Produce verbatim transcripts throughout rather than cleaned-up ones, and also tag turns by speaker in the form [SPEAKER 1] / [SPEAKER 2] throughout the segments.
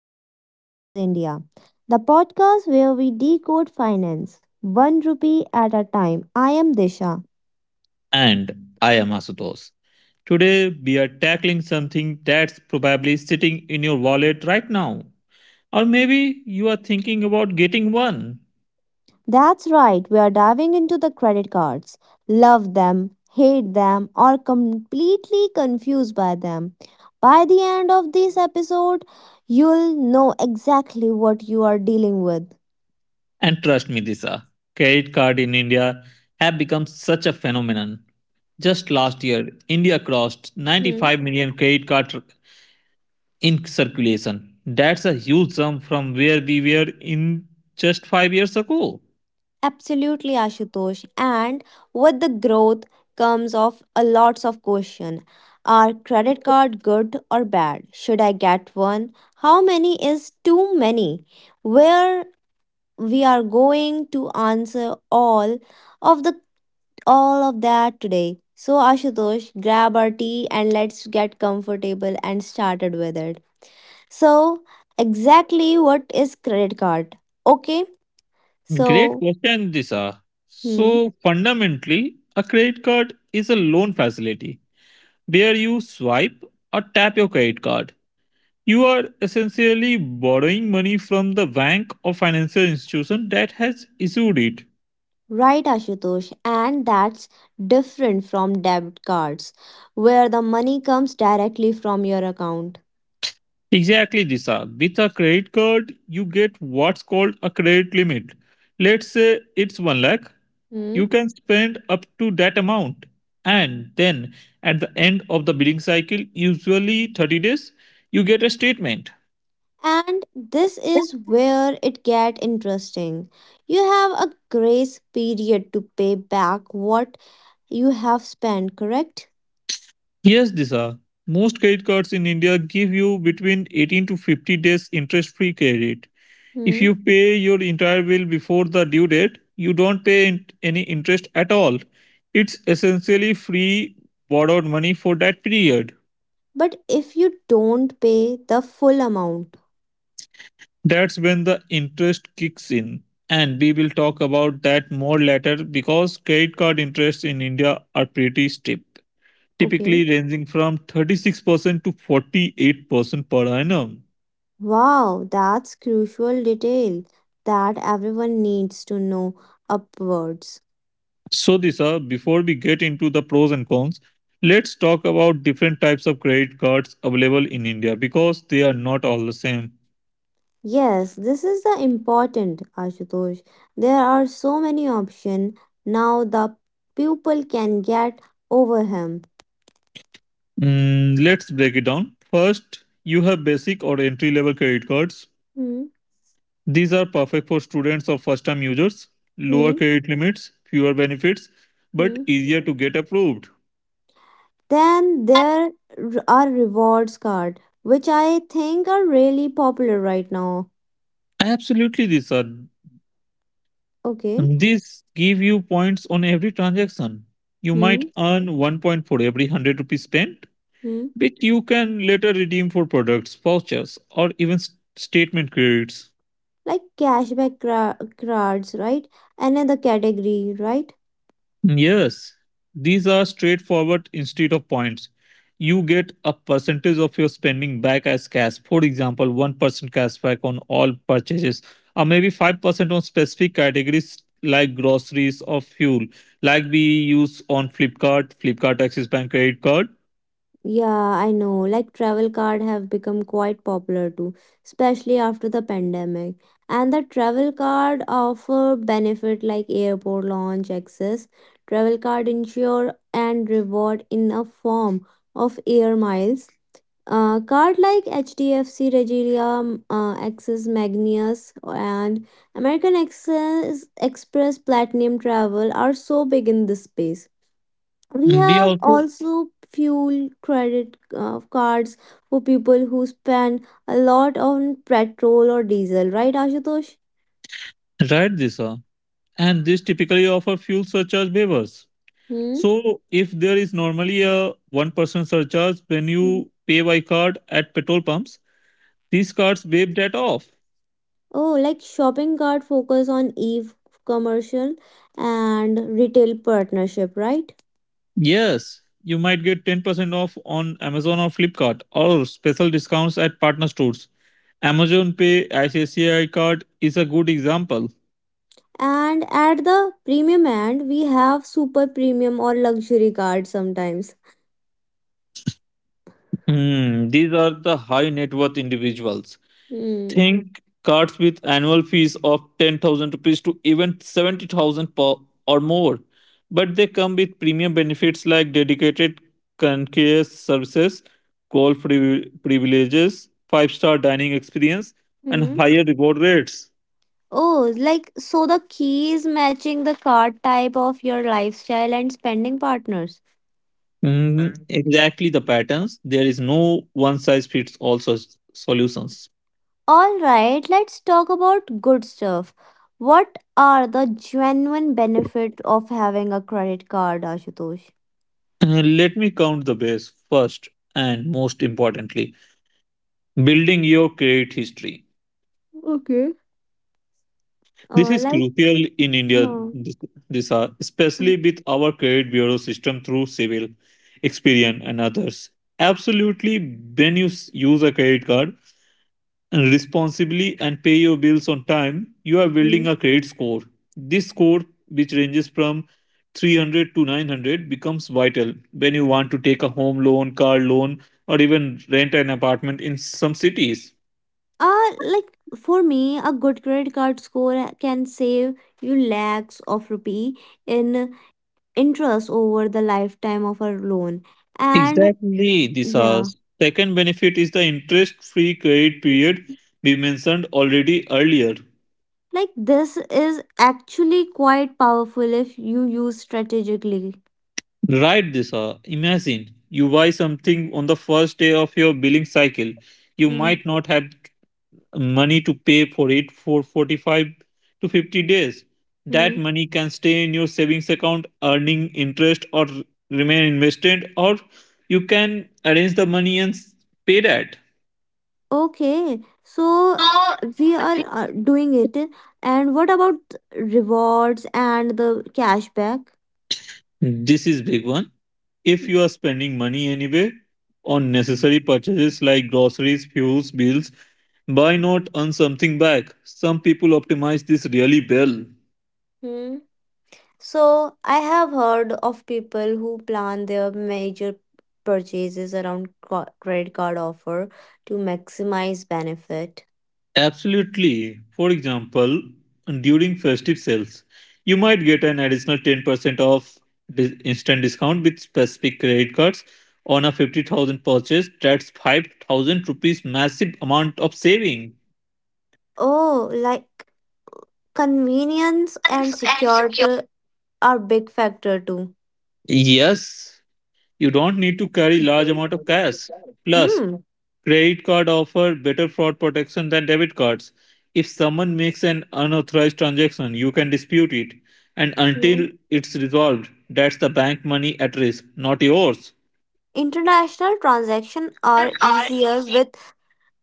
[SPEAKER 1] Money Matters India, the podcast where we decode finance one rupee at a time. I am Disha.
[SPEAKER 2] And I am Asutosh. Today, we are tackling something that's probably sitting in your wallet right now. Or maybe you are thinking about getting one.
[SPEAKER 1] That's right, we are diving into the credit cards. Love them, hate them, or completely confused by them. By the end of this episode, you'll know exactly what you are dealing with.
[SPEAKER 2] And trust me, Disha, credit card in India have become such a phenomenon. Just last year, India crossed 95 million credit cards in circulation. That's a huge sum from where we were in just five years ago.
[SPEAKER 1] Absolutely, Ashutosh. And with the growth comes of a lots of question. Are credit card good or bad? Should I get one? How many is too many? Where we are going to answer all of the all of that today. So Ashutosh, grab our tea and let's get comfortable and started with it. So exactly what is credit card? Okay.
[SPEAKER 2] Great
[SPEAKER 1] So
[SPEAKER 2] question, Disha.
[SPEAKER 1] hmm.
[SPEAKER 2] So fundamentally, a credit card is a loan facility where you swipe or tap your credit card. You are essentially borrowing money from the bank or financial institution that has issued it.
[SPEAKER 1] Right, Ashutosh, and that's different from debit cards, where the money comes directly from your account.
[SPEAKER 2] Exactly, Disha. With a credit card, you get what's called a credit limit. Let's say it's 1 lakh.
[SPEAKER 1] Hmm?
[SPEAKER 2] You can spend up to that amount. And then at the end of the billing cycle, usually thirty days, you get a statement.
[SPEAKER 1] And this is where it get interesting. You have a grace period to pay back what you have spent, correct?
[SPEAKER 2] Yes, Disha. Most credit cards in India give you between eighteen to fifty days interest free credit. If
[SPEAKER 1] Hmm?
[SPEAKER 2] you pay your entire bill before the due date, you don't pay in- any interest at all. It's essentially free borrowed money for that period.
[SPEAKER 1] But if you don't pay the full amount,
[SPEAKER 2] That's when the interest kicks in. And we will talk about that more later because credit card interests in India are pretty steep,
[SPEAKER 1] okay.
[SPEAKER 2] typically ranging from thirty-six percent to forty-eight percent per annum.
[SPEAKER 1] Wow, that's crucial detail that everyone needs to know upwards.
[SPEAKER 2] So, Disha, before we get into the pros and cons, let's talk about different types of credit cards available in India because they are not all the same.
[SPEAKER 1] Yes, this is the important, Ashutosh. There are so many options now the pupil can get over him.
[SPEAKER 2] Mm, let's break it down. First, you have basic or entry level credit cards.
[SPEAKER 1] Hmm,
[SPEAKER 2] These are perfect for students or first time users, lower
[SPEAKER 1] hmm,
[SPEAKER 2] credit limits, fewer benefits, but
[SPEAKER 1] hmm.
[SPEAKER 2] easier to get approved.
[SPEAKER 1] Then there r- are rewards card, which I think are really popular right now.
[SPEAKER 2] Absolutely, Disha.
[SPEAKER 1] Okay.
[SPEAKER 2] These give you points on every transaction. You
[SPEAKER 1] Hmm,
[SPEAKER 2] might earn one point for every one hundred rupees spent,
[SPEAKER 1] hmm.
[SPEAKER 2] which you can later redeem for products, vouchers, or even s- statement credits.
[SPEAKER 1] Like cashback cra- cards, right? Another category, right?
[SPEAKER 2] Yes, these are straightforward instead of points. You get a percentage of your spending back as cash. For example, one percent cashback on all purchases, or maybe five percent on specific categories like groceries or fuel, like we use on Flipkart, Flipkart Axis Bank credit card.
[SPEAKER 1] Yeah, I know. Like travel card have become quite popular too, especially after the pandemic. And the travel card offer benefit like airport lounge access, travel card insure and reward in a form of air miles. Uh, card like H D F C, Regilia, um, uh, Access Magnus, and American Access Express Platinum Travel are so big in this space. We
[SPEAKER 2] We
[SPEAKER 1] have
[SPEAKER 2] also
[SPEAKER 1] also fuel credit uh, cards for people who spend a lot on petrol or diesel, right, Ashutosh?
[SPEAKER 2] write this, uh, and this typically offer fuel surcharge waivers.
[SPEAKER 1] Hmm?
[SPEAKER 2] So if there is normally a one percent surcharge when
[SPEAKER 1] Mhm.
[SPEAKER 2] you pay by card at petrol pumps, these cards waive that off.
[SPEAKER 1] Oh, like shopping cart focus on e-commercial and retail partnership, right?
[SPEAKER 2] Yes, you might get ten percent off on Amazon or Flipkart or special discounts at partner stores. Amazon Pay I C I C I card is a good example.
[SPEAKER 1] And at the premium end we have super premium or luxury card sometimes.
[SPEAKER 2] Hmm, these are the high net worth individuals.
[SPEAKER 1] Hmm.
[SPEAKER 2] Think cards with annual fees of ten thousand rupees to even seventy thousand per or more. But they come with premium benefits like dedicated concierge services, call privi- privileges, five star dining experience, and
[SPEAKER 1] Hmm.
[SPEAKER 2] higher reward rates.
[SPEAKER 1] Oh, like so the key is matching the card type of your lifestyle and spending partners.
[SPEAKER 2] Mm, exactly the patterns. There is no one size fits all such solutions.
[SPEAKER 1] All right, let's talk about good stuff. What are the genuine benefits of having a credit card, Ashutosh?
[SPEAKER 2] Uh, let me count the base first and most importantly, building your credit history.
[SPEAKER 1] Okay.
[SPEAKER 2] This
[SPEAKER 1] Uh,
[SPEAKER 2] is
[SPEAKER 1] like,
[SPEAKER 2] crucial in India,
[SPEAKER 1] uh,
[SPEAKER 2] this, this are, especially with our credit bureau system through Civil, Experian, and others. Absolutely, when you s- use a credit card and responsibly and pay your bills on time, you are building
[SPEAKER 1] mm,
[SPEAKER 2] a credit score. This score, which ranges from three hundred to nine hundred, becomes vital when you want to take a home loan, car loan, or even rent an apartment in some cities.
[SPEAKER 1] uh, like for me, a good credit card score can save you lakhs of rupee in interest over the lifetime of a loan. And
[SPEAKER 2] Exactly,
[SPEAKER 1] yeah,
[SPEAKER 2] Disas. Second benefit is the interest-free credit period we mentioned already earlier.
[SPEAKER 1] like this is actually quite powerful if you use strategically.
[SPEAKER 2] Right, Disha. Imagine you buy something on the first day of your billing cycle. You
[SPEAKER 1] Mm-hmm.
[SPEAKER 2] might not have money to pay for it for forty-five to fifty days. That money can stay in your savings account earning interest or r- remain invested, or you can arrange the money and s- pay that.
[SPEAKER 1] Okay, so
[SPEAKER 2] Uh,
[SPEAKER 1] we are uh, doing it. And what about rewards and the cashback?
[SPEAKER 2] This is big one. If you are spending money anyway on necessary purchases like groceries, fuels, bills, why not earn something back? Some people optimize this really well.
[SPEAKER 1] Hmm. So I have heard of people who plan their major purchases around co- credit card offer to maximize benefit.
[SPEAKER 2] Absolutely. For example, during festive sales, you might get an additional ten percent off dis- instant discount with specific credit cards on a fifty thousand purchase. That's five thousand rupees massive amount of saving.
[SPEAKER 1] Oh, like convenience and security are big factor too.
[SPEAKER 2] Yes, you don't need to carry large amount of cash. Plus,
[SPEAKER 1] Hmm.
[SPEAKER 2] credit card offer better fraud protection than debit cards. If someone makes an unauthorized transaction, you can dispute it. And
[SPEAKER 1] Hmm.
[SPEAKER 2] until it's resolved, that's the bank money at risk, not yours.
[SPEAKER 1] International transactions are
[SPEAKER 2] Are
[SPEAKER 1] easier
[SPEAKER 2] easy.
[SPEAKER 1] with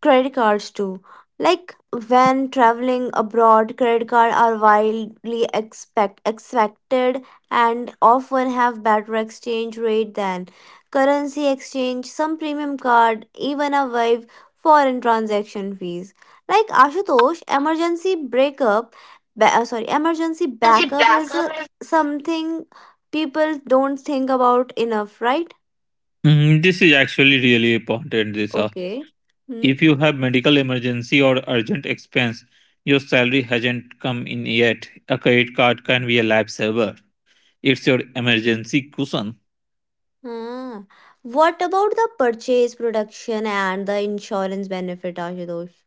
[SPEAKER 1] credit cards too. Like when traveling abroad, credit cards are widely expect expected and often have better exchange rate than currency exchange. Some premium card even avoid foreign transaction fees. Like Ashutosh, emergency breakup, ba- uh, sorry, emergency
[SPEAKER 2] See
[SPEAKER 1] backup is
[SPEAKER 2] backup
[SPEAKER 1] uh,
[SPEAKER 2] is.
[SPEAKER 1] something people don't think about enough, right?
[SPEAKER 2] Mm, this is actually really important, Disa.
[SPEAKER 1] Okay.
[SPEAKER 2] If you have medical emergency or urgent expense, your salary hasn't come in yet. A credit card can be a lifesaver. It's your emergency cushion.
[SPEAKER 1] Ah, what about the purchase, production, and the insurance benefit, Ashutosh?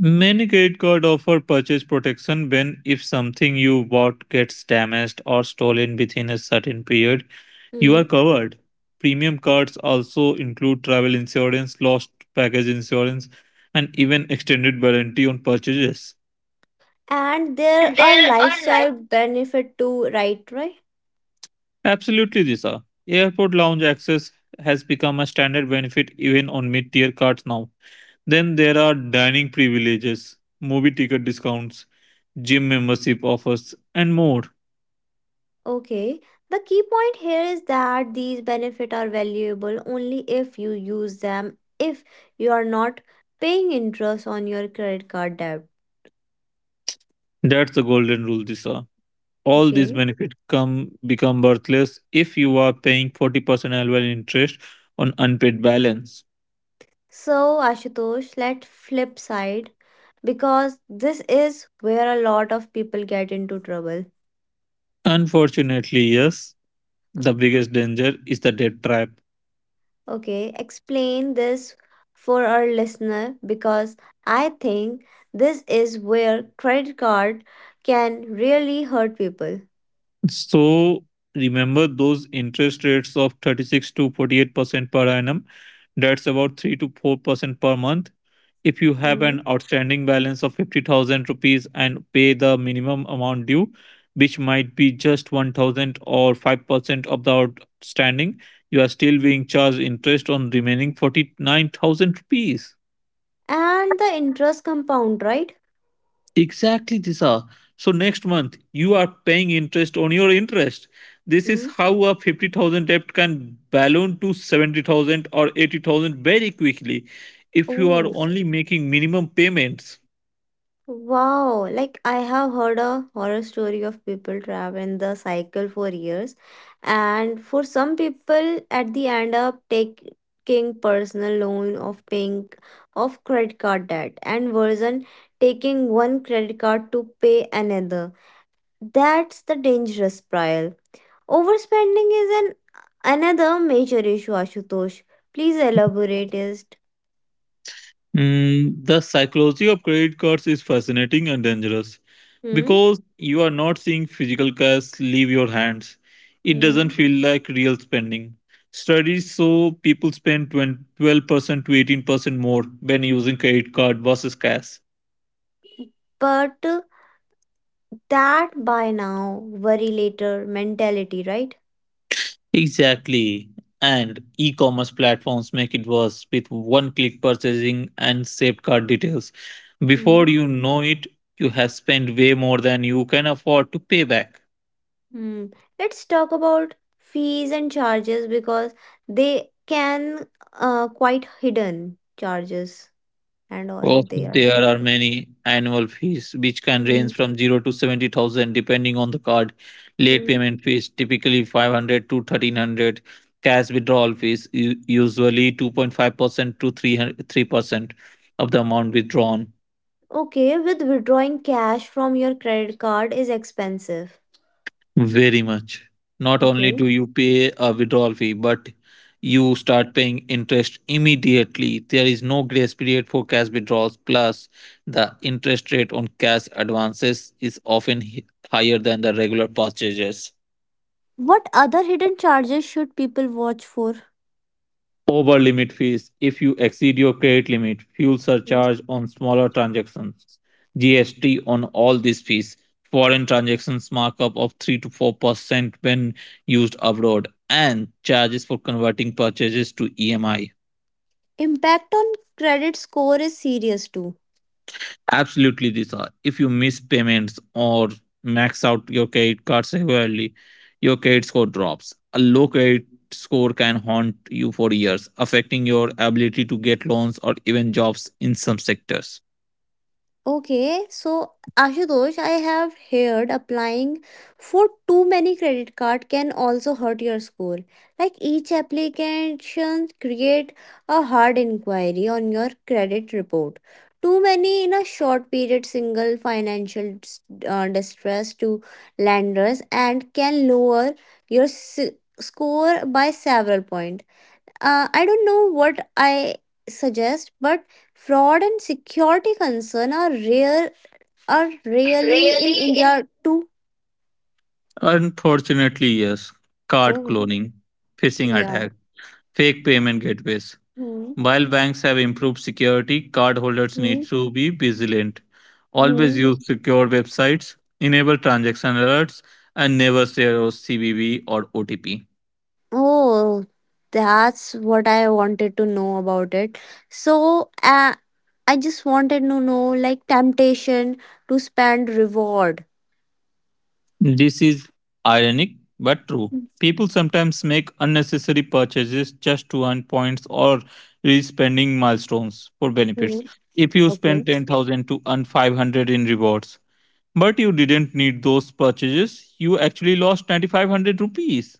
[SPEAKER 2] Many credit card offer purchase protection when if something you bought gets damaged or stolen within a certain period, you are
[SPEAKER 1] Hmm.
[SPEAKER 2] covered. Premium cards also include travel insurance, lost package insurance, and even extended warranty on purchases.
[SPEAKER 1] And there are
[SPEAKER 2] There are like.
[SPEAKER 1] lifestyle benefit too, right? Right.
[SPEAKER 2] Absolutely, Disha. Airport lounge access has become a standard benefit even on mid tier cards now. Then there are dining privileges, movie ticket discounts, gym membership offers, and more.
[SPEAKER 1] Okay. The key point here is that these benefit are valuable only if you use them if you are not paying interest on your credit card debt.
[SPEAKER 2] That's the golden rule, Disha. All these
[SPEAKER 1] Okay.
[SPEAKER 2] benefits come become worthless if you are paying forty percent annual interest on unpaid balance.
[SPEAKER 1] So Ashutosh, let flip side because this is where a lot of people get into trouble.
[SPEAKER 2] Unfortunately, yes, the biggest danger is the debt trap.
[SPEAKER 1] Okay, explain this for our listener because I think this is where credit card can really hurt people.
[SPEAKER 2] So remember those interest rates of thirty-six to forty-eight percent per annum. That's about three to four percent per month. If you have an
[SPEAKER 1] Mm.
[SPEAKER 2] outstanding balance of fifty thousand rupees and pay the minimum amount due, which might be just one thousand or five percent of the outstanding, you are still being charged interest on remaining forty-nine thousand rupees.
[SPEAKER 1] And the interest compound, right?
[SPEAKER 2] Exactly, Disha. So next month you are paying interest on your interest. This is
[SPEAKER 1] Mm.
[SPEAKER 2] how a fifty thousand debt can balloon to seventy thousand or eighty thousand very quickly if you are only making minimum payments.
[SPEAKER 1] Wow, like I have heard a horror story of people trapped in the cycle for years, and for some people, at the end up taking personal loan of paying of credit card debt, and version taking one credit card to pay another. That's the dangerous spiral. Overspending is an another major issue. Ashutosh, please elaborate it.
[SPEAKER 2] Mm, the psychology of credit cards is fascinating and dangerous
[SPEAKER 1] Hmm.
[SPEAKER 2] because you are not seeing physical cash leave your hands. It doesn't
[SPEAKER 1] Hmm.
[SPEAKER 2] feel like real spending. Studies show people spend twenty twelve percent to eighteen percent more when using credit card versus cash.
[SPEAKER 1] But that buy now, worry later mentality, right?
[SPEAKER 2] Exactly. And e commerce platforms make it worse with one click purchasing and saved card details. Before
[SPEAKER 1] Mhm.
[SPEAKER 2] you know it, you have spent way more than you can afford to pay back.
[SPEAKER 1] Hmm. Let's talk about fees and charges because they can uh, quite hidden charges and all
[SPEAKER 2] Oh,
[SPEAKER 1] they are cut
[SPEAKER 2] there are
[SPEAKER 1] up.
[SPEAKER 2] many annual fees which can
[SPEAKER 1] Hmm.
[SPEAKER 2] range from zero to seventy thousand depending on the card. Late
[SPEAKER 1] Hmm.
[SPEAKER 2] payment fees typically five hundred to thirteen hundred. Cash withdrawal fees u- usually two point five percent to three hundred three percent of the amount withdrawn.
[SPEAKER 1] Okay, with withdrawing cash from your credit card is expensive.
[SPEAKER 2] Very much. Not only
[SPEAKER 1] Okay.
[SPEAKER 2] do you pay a withdrawal fee, but you start paying interest immediately. There is no grace period for cash withdrawals. Plus, the interest rate on cash advances is often hi- higher than the regular purchases.
[SPEAKER 1] What other hidden charges should people watch for?
[SPEAKER 2] Over limit fees if you exceed your credit limit, fuel
[SPEAKER 1] Hmm.
[SPEAKER 2] surcharge on smaller transactions, G S T on all these fees, foreign transactions markup of three to four percent when used abroad, and charges for converting purchases to E M I.
[SPEAKER 1] Impact on credit score is serious too.
[SPEAKER 2] Absolutely, these are. If you miss payments or max out your credit card severely, your credit score drops. A low credit score can haunt you for years, affecting your ability to get loans or even jobs in some sectors.
[SPEAKER 1] Okay, so Ashutosh, I have heard applying for too many credit card can also hurt your score. Like each application create a hard inquiry on your credit report. Too many in a short period single financial dis- uh, distress to lenders and can lower your s- score by several points. uh, I don't know what I suggest, but fraud and security concern are rare are really in
[SPEAKER 2] Really?
[SPEAKER 1] India too.
[SPEAKER 2] Unfortunately, yes. Card
[SPEAKER 1] Oh,
[SPEAKER 2] cloning, phishing
[SPEAKER 1] yeah.
[SPEAKER 2] attack, fake payment gateways.
[SPEAKER 1] Hmm.
[SPEAKER 2] While banks have improved security, cardholders
[SPEAKER 1] Hmm.
[SPEAKER 2] need to be vigilant. Always
[SPEAKER 1] Hmm.
[SPEAKER 2] use secure websites, enable transaction alerts, and never share your C V V or O T P.
[SPEAKER 1] Oh, that's what I wanted to know about it. So, uh, I just wanted to know like temptation to spend reward.
[SPEAKER 2] This is ironic but true. People sometimes make unnecessary purchases just to earn points or reach spending milestones for
[SPEAKER 1] Hmm.
[SPEAKER 2] benefits. If you
[SPEAKER 1] Okay.
[SPEAKER 2] spend ten thousand to earn five hundred in rewards, but you didn't need those purchases, you actually lost nine thousand five hundred rupees.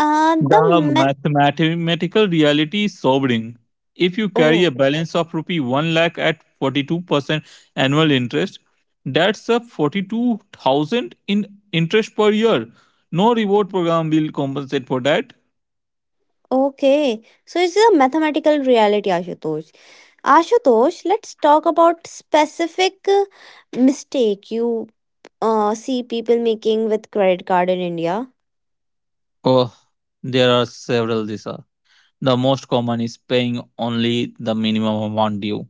[SPEAKER 1] Uh, the
[SPEAKER 2] The
[SPEAKER 1] me-
[SPEAKER 2] mathematical reality is sobering. If you carry
[SPEAKER 1] oh,
[SPEAKER 2] a balance of rupee 1 lakh at forty-two percent annual interest, that's up forty-two thousand in interest per year. No reward program will compensate for that.
[SPEAKER 1] okay. So it's a mathematical reality, Ashutosh. Ashutosh, let's talk about specific uh, mistake you uh, see people making with credit card in India.
[SPEAKER 2] Oh, there are several these are. The most common is paying only the minimum amount due.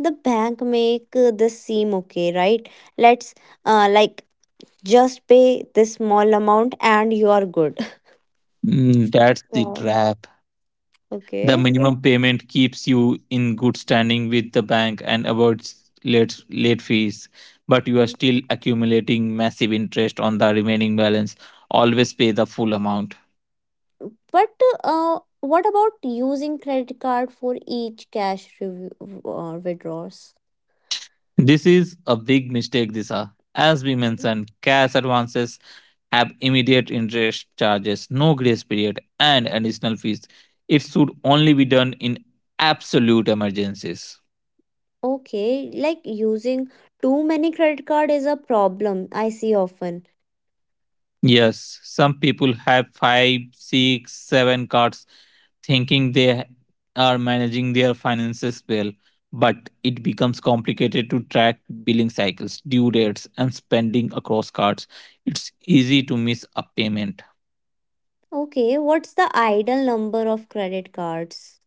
[SPEAKER 1] The bank make uh, this seem okay, right? Let's uh, like just pay this small amount and you are good.
[SPEAKER 2] Mm, that's the
[SPEAKER 1] Wow.
[SPEAKER 2] trap. The
[SPEAKER 1] Okay.
[SPEAKER 2] minimum payment keeps you in good standing with the bank and avoids late, late fees, but you are
[SPEAKER 1] Mm.
[SPEAKER 2] still accumulating massive interest on the remaining balance. Always pay the full amount.
[SPEAKER 1] But uh, What about using credit card for each cash review, uh, withdrawals?
[SPEAKER 2] This is a big mistake, Disa. As we
[SPEAKER 1] Mhm.
[SPEAKER 2] mentioned, cash advances have immediate interest charges, no grace period, and additional fees. It should only be done in absolute emergencies.
[SPEAKER 1] Okay, like using too many credit card is a problem I see often.
[SPEAKER 2] Yes, some people have five, six, seven cards thinking they ha- are managing their finances well, but it becomes complicated to track billing cycles, due dates, and spending across cards. It's easy to miss a payment.
[SPEAKER 1] Okay, what's the ideal number of credit cards?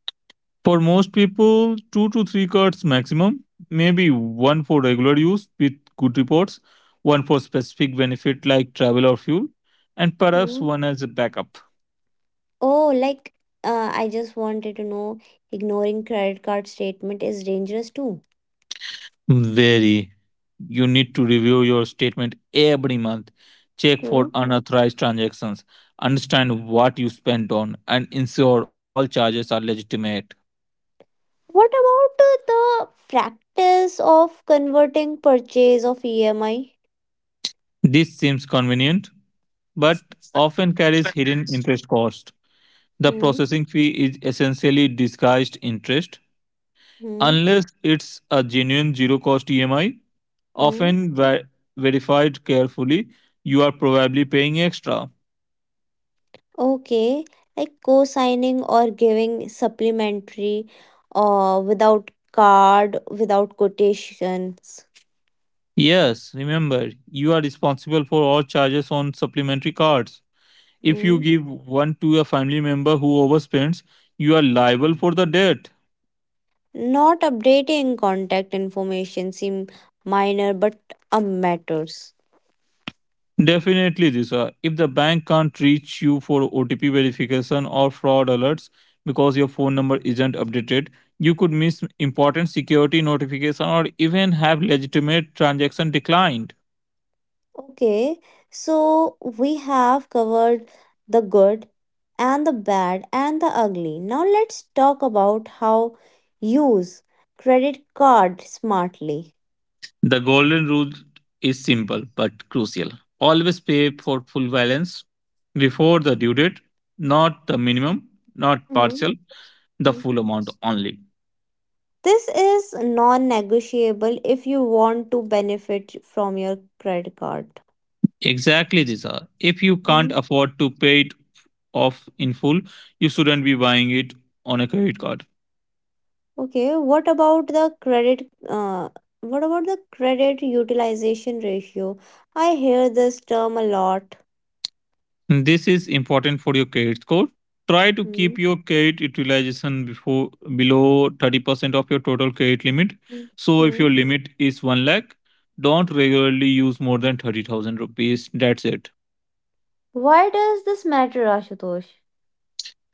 [SPEAKER 2] For most people, two to three cards maximum, maybe one for regular use with good reports, one for specific benefit like travel or fuel, and perhaps
[SPEAKER 1] Hmm.
[SPEAKER 2] one as a backup.
[SPEAKER 1] Oh, like uh, I just wanted to know ignoring credit card statement is dangerous too.
[SPEAKER 2] Very. You need to review your statement every month, check
[SPEAKER 1] Hmm.
[SPEAKER 2] for unauthorized transactions, understand what you spent on, and ensure all charges are legitimate.
[SPEAKER 1] What about uh, the practice of converting purchase of E M I?
[SPEAKER 2] This seems convenient, but often carries hidden interest cost. The
[SPEAKER 1] Hmm.
[SPEAKER 2] processing fee is essentially disguised interest,
[SPEAKER 1] Hmm.
[SPEAKER 2] unless it's a genuine zero cost E M I,
[SPEAKER 1] Hmm.
[SPEAKER 2] often ver- verified carefully. You are probably paying extra.
[SPEAKER 1] Okay, like co-signing or giving supplementary uh, without card, without quotations.
[SPEAKER 2] Yes, remember, you are responsible for all charges on supplementary cards. If you
[SPEAKER 1] Hmm.
[SPEAKER 2] give one to a family member who overspends, you are liable for the debt.
[SPEAKER 1] Not updating contact information seem minor but uh, matters.
[SPEAKER 2] Definitely, Disha. If the bank can't reach you for O T P verification or fraud alerts because your phone number isn't updated, you could miss important security notification or even have legitimate transaction declined.
[SPEAKER 1] Okay, so we have covered the good and the bad and the ugly. Now let's talk about how use credit card smartly.
[SPEAKER 2] The golden rule is simple but crucial. Always pay for full balance before the due date, not the minimum, not
[SPEAKER 1] Mm-hmm.
[SPEAKER 2] partial, the full amount only.
[SPEAKER 1] This is non negotiable if you want to benefit from your credit card.
[SPEAKER 2] Exactly, Disha. If you can't afford to pay it off in full, you shouldn't be buying it on a credit card.
[SPEAKER 1] Okay, what about the credit? Uh, what about the credit utilization ratio? I hear this term a lot.
[SPEAKER 2] This is important for your credit score. Try to
[SPEAKER 1] Hmm.
[SPEAKER 2] keep your credit utilization before below thirty percent of your total credit limit.
[SPEAKER 1] Hmm.
[SPEAKER 2] So if
[SPEAKER 1] Hmm.
[SPEAKER 2] your limit is one lakh, don't regularly use more than thirty thousand rupees. That's it.
[SPEAKER 1] Why does this matter, Ashutosh?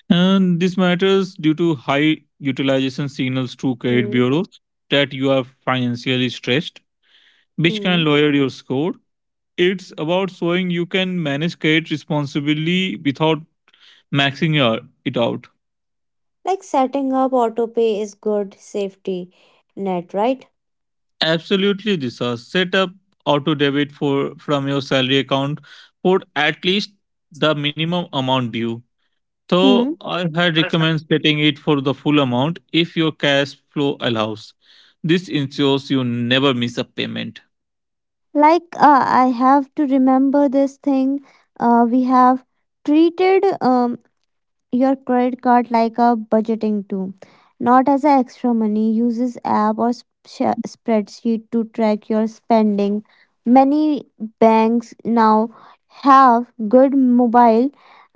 [SPEAKER 2] And this matters due to high utilization signals to credit
[SPEAKER 1] Hmm.
[SPEAKER 2] bureaus that you are financially stressed, which can
[SPEAKER 1] Hmm.
[SPEAKER 2] lower your score. It's about showing you can manage credit responsibly without maxing your- it out.
[SPEAKER 1] Like setting up autopay is good safety net, right?
[SPEAKER 2] Absolutely, Disha. Set up auto debit for from your salary account for at least the minimum amount due. So
[SPEAKER 1] Hmm.
[SPEAKER 2] I had recommend setting it for the full amount if your cash flow allows. This ensures you never miss a payment.
[SPEAKER 1] Like, uh, I have to remember this thing. Uh, we have treated. Um. Your credit card like a budgeting tool, not as an extra money. Uses app or sp- spreadsheet to track your spending. Many banks now have good mobile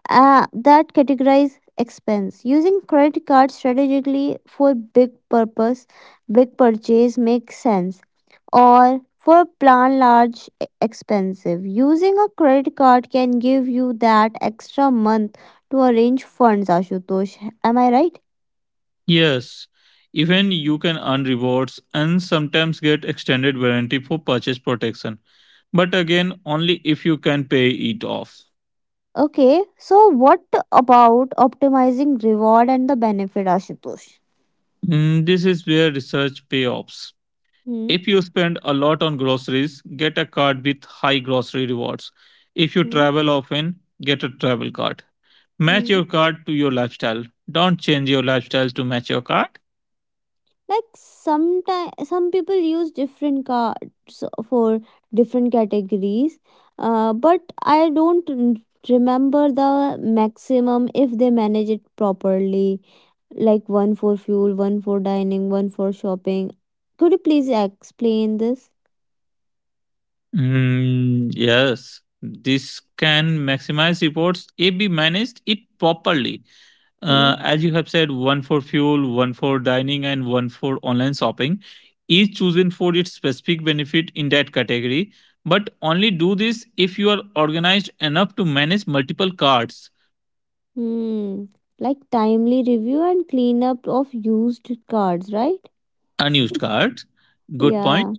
[SPEAKER 1] uh, that categorize expense using credit card strategically for big purpose big purchase makes sense or for plan large e- expensive using a credit card can give you that extra month to arrange funds. Ashutosh, am I right?
[SPEAKER 2] Yes, even you can earn rewards and sometimes get extended warranty for purchase protection. But again, only if you can pay it off.
[SPEAKER 1] Okay, so what about optimizing reward and the benefit, Ashutosh?
[SPEAKER 2] Mm, This is where research payoffs.
[SPEAKER 1] Hmm.
[SPEAKER 2] If you spend a lot on groceries, get a card with high grocery rewards. If you travel often, get a travel card. Match your card to your lifestyle. Don't change your lifestyle to match your card.
[SPEAKER 1] Like sometimes some people use different cards for different categories, uh, but I don't r- remember the maximum if they manage it properly, like one for fuel, one for dining, one for shopping. Could you please explain this?
[SPEAKER 2] Mm, yes, this can maximize reports if we managed it properly.
[SPEAKER 1] Hmm.
[SPEAKER 2] Uh, as you have said, one for fuel, one for dining, and one for online shopping, each chosen for its specific benefit in that category. But only do this if you are organized enough to manage multiple cards.
[SPEAKER 1] Hmm. Like timely review and cleanup of used cards, right?
[SPEAKER 2] Unused cards, good
[SPEAKER 1] Yeah.
[SPEAKER 2] point.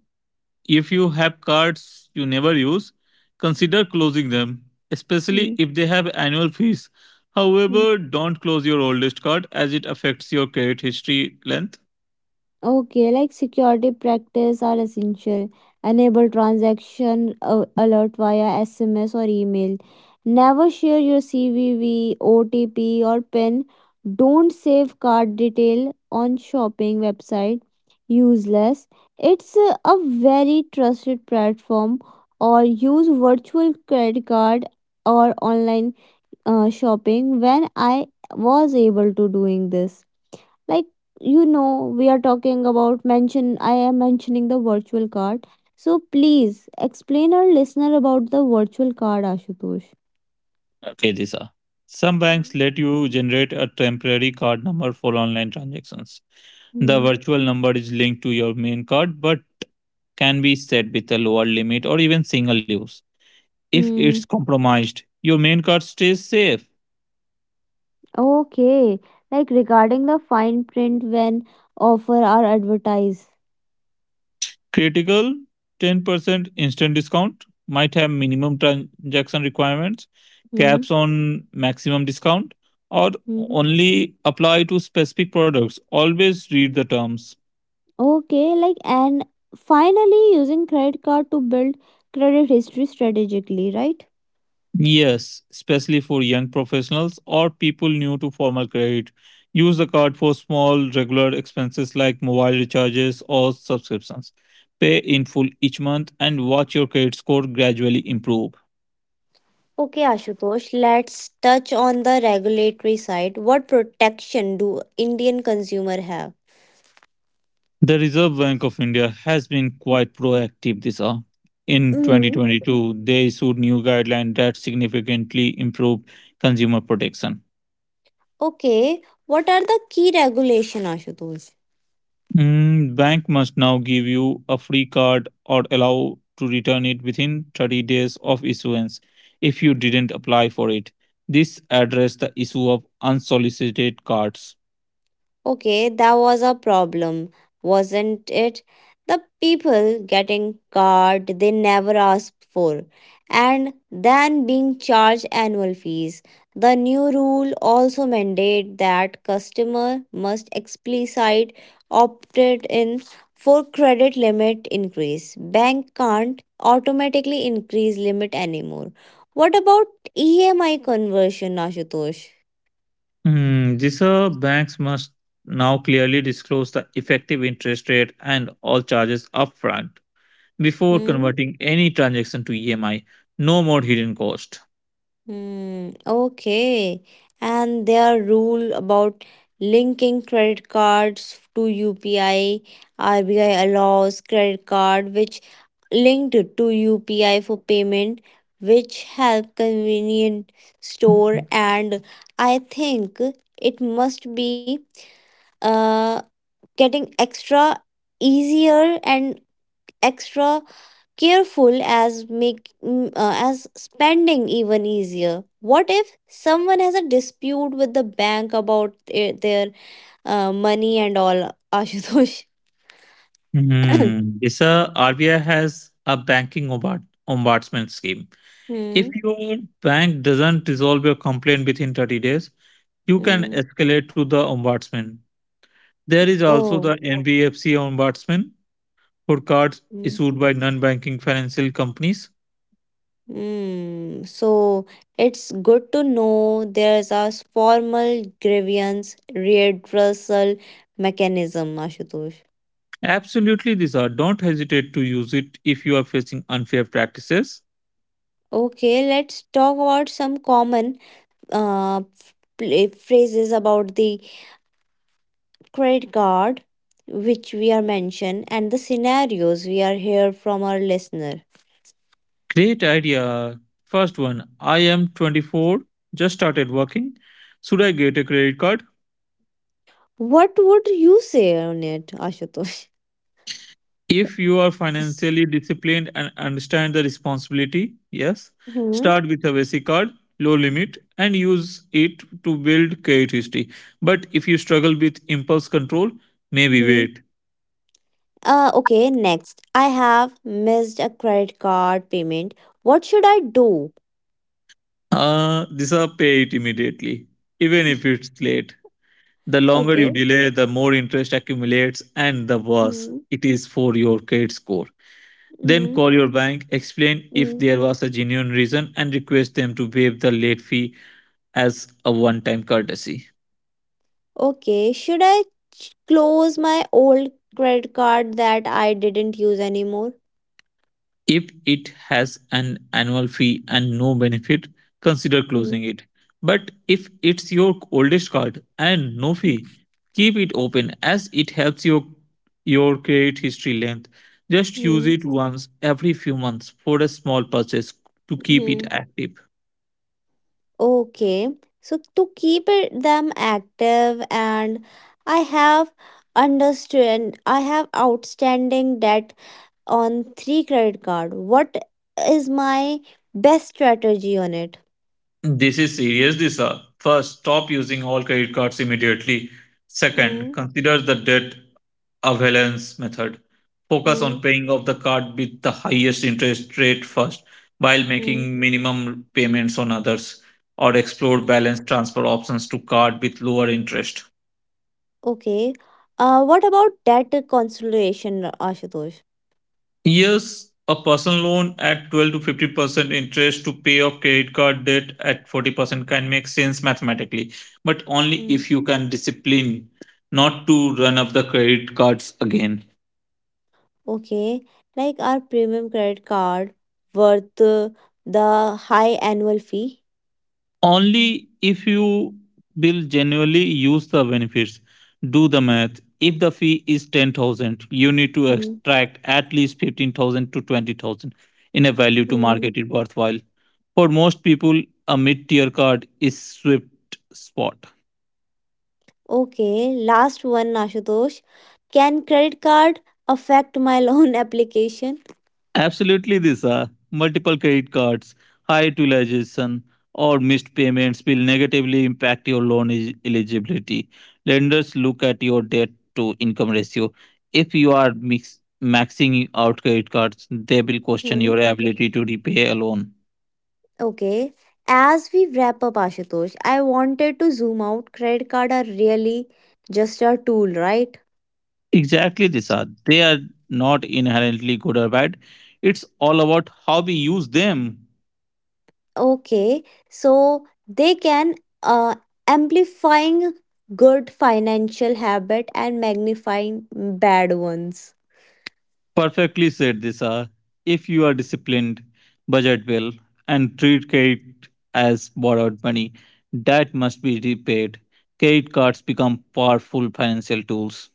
[SPEAKER 2] If you have cards you never use, consider closing them, especially
[SPEAKER 1] Hmm.
[SPEAKER 2] if they have annual fees. However, don't close your oldest card as it affects your credit history length.
[SPEAKER 1] Okay, like security practice are essential. Enable transaction uh, alert via S M S or email. Never share your CVV, O T P or PIN. Don't save card detail on shopping website. Useless. It's a, a very trusted platform or use virtual credit card or online uh, shopping when I was able to doing this. Like you know we are talking about mention I am mentioning the virtual card, so please explain our listener about the virtual card, Ashutosh.
[SPEAKER 2] Okay, Disha. Some banks let you generate a temporary card number for online transactions. The
[SPEAKER 1] Hmm.
[SPEAKER 2] virtual number is linked to your main card but can be set with a lower limit or even single use. If it's
[SPEAKER 1] Hmm.
[SPEAKER 2] compromised, your main card stays safe.
[SPEAKER 1] Okay. Like regarding the fine print when offer or advertise.
[SPEAKER 2] Critical ten percent instant discount might have minimum transaction requirements, caps
[SPEAKER 1] Hmm.
[SPEAKER 2] on maximum discount, or
[SPEAKER 1] Hmm.
[SPEAKER 2] only apply to specific products. Always read the terms.
[SPEAKER 1] Okay. Like and finally using credit card to build credit history strategically, right?
[SPEAKER 2] Yes, especially for young professionals or people new to formal credit. Use the card for small, regular expenses like mobile recharges or subscriptions. Pay in full each month and watch your credit score gradually improve.
[SPEAKER 1] Okay, Ashutosh, let's touch on the regulatory side. What protection do Indian consumer have?
[SPEAKER 2] The Reserve Bank of India has been quite proactive this year. In
[SPEAKER 1] Hmm.
[SPEAKER 2] twenty twenty-two, they issued new guidelines that significantly improved consumer protection.
[SPEAKER 1] Okay, what are the key regulation, Ashutosh?
[SPEAKER 2] Mm, bank must now give you a free card or allow to return it within thirty days of issuance if you didn't apply for it. This addressed the issue of unsolicited cards.
[SPEAKER 1] Okay, that was a problem, wasn't it? The people getting card they never asked for, and then being charged annual fees. The new rule also mandate that customer must explicit opted in for credit limit increase. Bank can't automatically increase limit anymore. What about E M I conversion, Ashutosh?
[SPEAKER 2] Hmm, these are banks must now clearly disclose the effective interest rate and all charges upfront before
[SPEAKER 1] Hmm?
[SPEAKER 2] converting any transaction to E M I. No more hidden cost.
[SPEAKER 1] Hmm, okay. And their rule about linking credit cards to U P I, R B I allows credit card which linked to U P I for payment, which help convenient store and I think it must be uh getting extra easier and extra careful as make mm, uh, as spending even easier. What if someone has a dispute with the bank about their, their uh, money and all? Ashutosh.
[SPEAKER 2] Hmm. This uh, R B I has a banking ombud- ombudsman scheme. If
[SPEAKER 1] Hmm.
[SPEAKER 2] your bank doesn't resolve your complaint within thirty days, you can
[SPEAKER 1] Hmm.
[SPEAKER 2] escalate to the ombudsman. There is also the
[SPEAKER 1] Oh.
[SPEAKER 2] N B F C ombudsman for cards
[SPEAKER 1] Hmm.
[SPEAKER 2] issued by non banking financial companies.
[SPEAKER 1] Hmm. So it's good to know there's a formal grievance redressal mechanism, Ashutosh.
[SPEAKER 2] Absolutely, these are. Don't hesitate to use it if you are facing unfair practices.
[SPEAKER 1] Okay, let's talk about some common uh, pla- phrases about the credit card, which we are mentioned, and the scenarios we are here from our listener.
[SPEAKER 2] Great idea. First one, I am twenty-four, just started working. Should I get a credit card?
[SPEAKER 1] What would you say on it, Ashutosh?
[SPEAKER 2] If you are financially disciplined and understand the responsibility, yes,
[SPEAKER 1] Hmm.
[SPEAKER 2] start with a basic card, low limit, and use it to build credit history. But if you struggle with impulse control, maybe
[SPEAKER 1] Hmm.
[SPEAKER 2] wait.
[SPEAKER 1] Uh, okay, next. I have missed a credit card payment. What should I do?
[SPEAKER 2] Uh, these are pay it immediately, even if it's late. The longer you
[SPEAKER 1] Okay.
[SPEAKER 2] delay, the more interest accumulates, and the worse
[SPEAKER 1] Hmm.
[SPEAKER 2] it is for your credit score. Then
[SPEAKER 1] Hmm.
[SPEAKER 2] call your bank, explain if
[SPEAKER 1] Hmm.
[SPEAKER 2] there was a genuine reason, and request them to waive the late fee as a one time courtesy.
[SPEAKER 1] Okay, should I ch- close my old credit card that I didn't use anymore?
[SPEAKER 2] If it has an annual fee and no benefit, consider
[SPEAKER 1] Hmm.
[SPEAKER 2] closing it. But if it's your oldest card and no fee, keep it open as it helps your your credit history length. Just use
[SPEAKER 1] Hmm.
[SPEAKER 2] it once every few months for a small purchase to keep it
[SPEAKER 1] Hmm.
[SPEAKER 2] active.
[SPEAKER 1] Okay, so to keep it, them active, and I have understand I have outstanding debt on three credit card. What is my best strategy on it?
[SPEAKER 2] This is serious, Disha. First, stop using all credit cards immediately. Second,
[SPEAKER 1] Hmm.
[SPEAKER 2] consider the debt avalanche method. Focus on
[SPEAKER 1] Hmm.
[SPEAKER 2] paying off the card with the highest interest rate first while
[SPEAKER 1] Hmm.
[SPEAKER 2] making minimum payments on others, or explore balance transfer options to card with lower interest.
[SPEAKER 1] Okay. Uh, what about debt consolidation, Ashutosh?
[SPEAKER 2] Yes, a personal loan at twelve to fifty percent interest to pay off credit card debt at forty percent can make sense mathematically, but only
[SPEAKER 1] Hmm.
[SPEAKER 2] if you can discipline not to run up the credit cards again.
[SPEAKER 1] Okay, like our premium credit card worth uh, the high annual fee.
[SPEAKER 2] Only if you will genuinely use the benefits. Do the math. If the fee is ten thousand, you need to
[SPEAKER 1] Hmm.
[SPEAKER 2] extract at least fifteen thousand to twenty thousand in a value to
[SPEAKER 1] Hmm.
[SPEAKER 2] market it worthwhile. For most people, a mid tier card is sweet spot.
[SPEAKER 1] Okay, last one, Ashutosh. Can credit card affect my loan application?
[SPEAKER 2] Absolutely, Disha. Multiple credit cards, high utilization, or missed payments will negatively impact your loan e- eligibility. Lenders look at your debt to income ratio. If you are mix- maxing out credit cards, they will question
[SPEAKER 1] Mhm.
[SPEAKER 2] your ability to repay a loan.
[SPEAKER 1] Okay. As we wrap up, Ashutosh, I wanted to zoom out. Credit card are really just a tool, right?
[SPEAKER 2] Exactly, Disha. They are not inherently good or bad. It's all about how we use them.
[SPEAKER 1] Okay, so they can uh, amplifying good financial habit and magnifying bad ones.
[SPEAKER 2] Perfectly said, Disha. If you are disciplined, budget well, and treat credit as borrowed money that must be repaid, credit cards become powerful financial tools.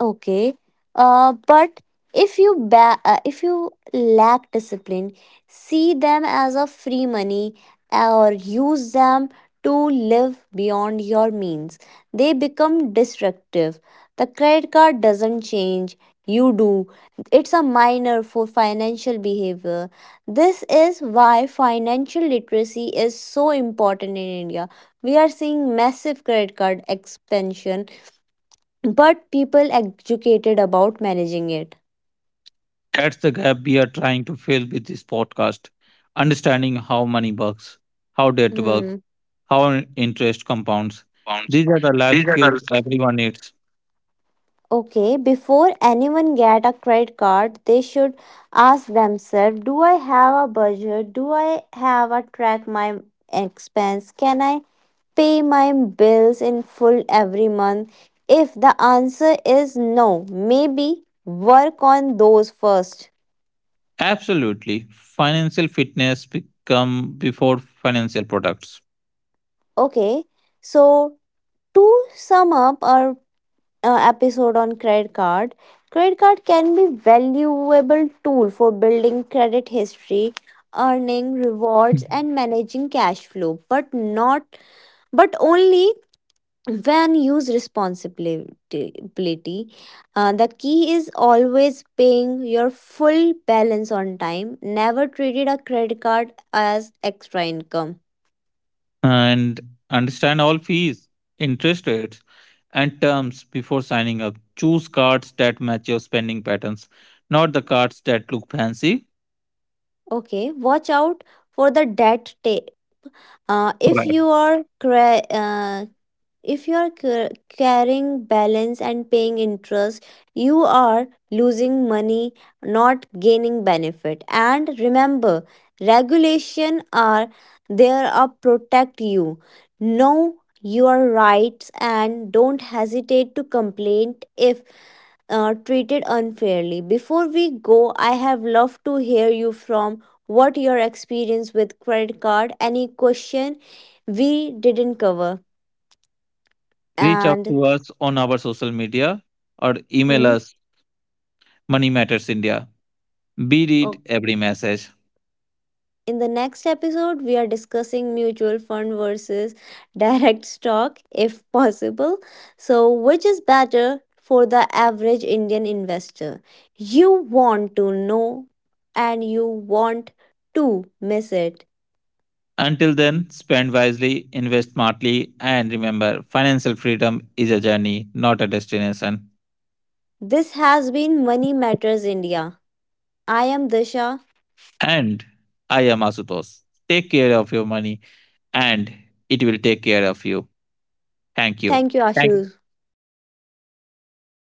[SPEAKER 1] Okay. Uh, but if you ba- uh, if you lack discipline, see them as a free money or use them to live beyond your means. They become destructive. The credit card doesn't change, you do. It's a minor for financial behavior. This is why financial literacy is so important in India. We are seeing massive credit card expansion but people educated about managing it.
[SPEAKER 2] That's the gap we are trying to fill with this podcast. Understanding how money works, how debt works,
[SPEAKER 1] Hmm.
[SPEAKER 2] how interest compounds. These are the life skills everyone needs.
[SPEAKER 1] Okay, before anyone get a credit card they should ask themselves, do I have a budget, do I have a track my expense, can I pay my bills in full every month? If the answer is no, maybe work on those first.
[SPEAKER 2] Absolutely. Financial fitness become before financial products.
[SPEAKER 1] Okay, so to sum up our uh, episode on credit card, credit card can be valuable tool for building credit history, earning rewards and managing cash flow, but not but only when used responsibility. Uh, the key is always paying your full balance on time, never treated a credit card as extra income.
[SPEAKER 2] And understand all fees, interest rates, and terms before signing up. Choose cards that match your spending patterns, not the cards that look fancy.
[SPEAKER 1] Okay, watch out for the debt ta- uh, if
[SPEAKER 2] Correct.
[SPEAKER 1] you are cre- uh, if you are ca- carrying balance and paying interest, you are losing money, not gaining benefit. And remember, regulation are there to protect you, know your rights and don't hesitate to complain if uh, treated unfairly. Before we go, I have loved to hear you from what your experience with credit card, any question we didn't cover.
[SPEAKER 2] Reach out
[SPEAKER 1] And
[SPEAKER 2] to us on our social media or email
[SPEAKER 1] hmm.
[SPEAKER 2] us Money Matters India. We read
[SPEAKER 1] Oh,
[SPEAKER 2] every message.
[SPEAKER 1] in the next episode, we are discussing mutual fund versus direct stock, if possible. So, which is better for the average Indian investor? You want to know and you want to miss it.
[SPEAKER 2] Until then, spend wisely, invest smartly, and remember financial freedom is a journey, not a destination.
[SPEAKER 1] This has been Money Matters India. I am Disha.
[SPEAKER 2] And I am Asutosh. Take care of your money and it will take care of you. Thank you.
[SPEAKER 1] Thank you,
[SPEAKER 2] Thank,
[SPEAKER 1] Ashu.
[SPEAKER 2] Thank you.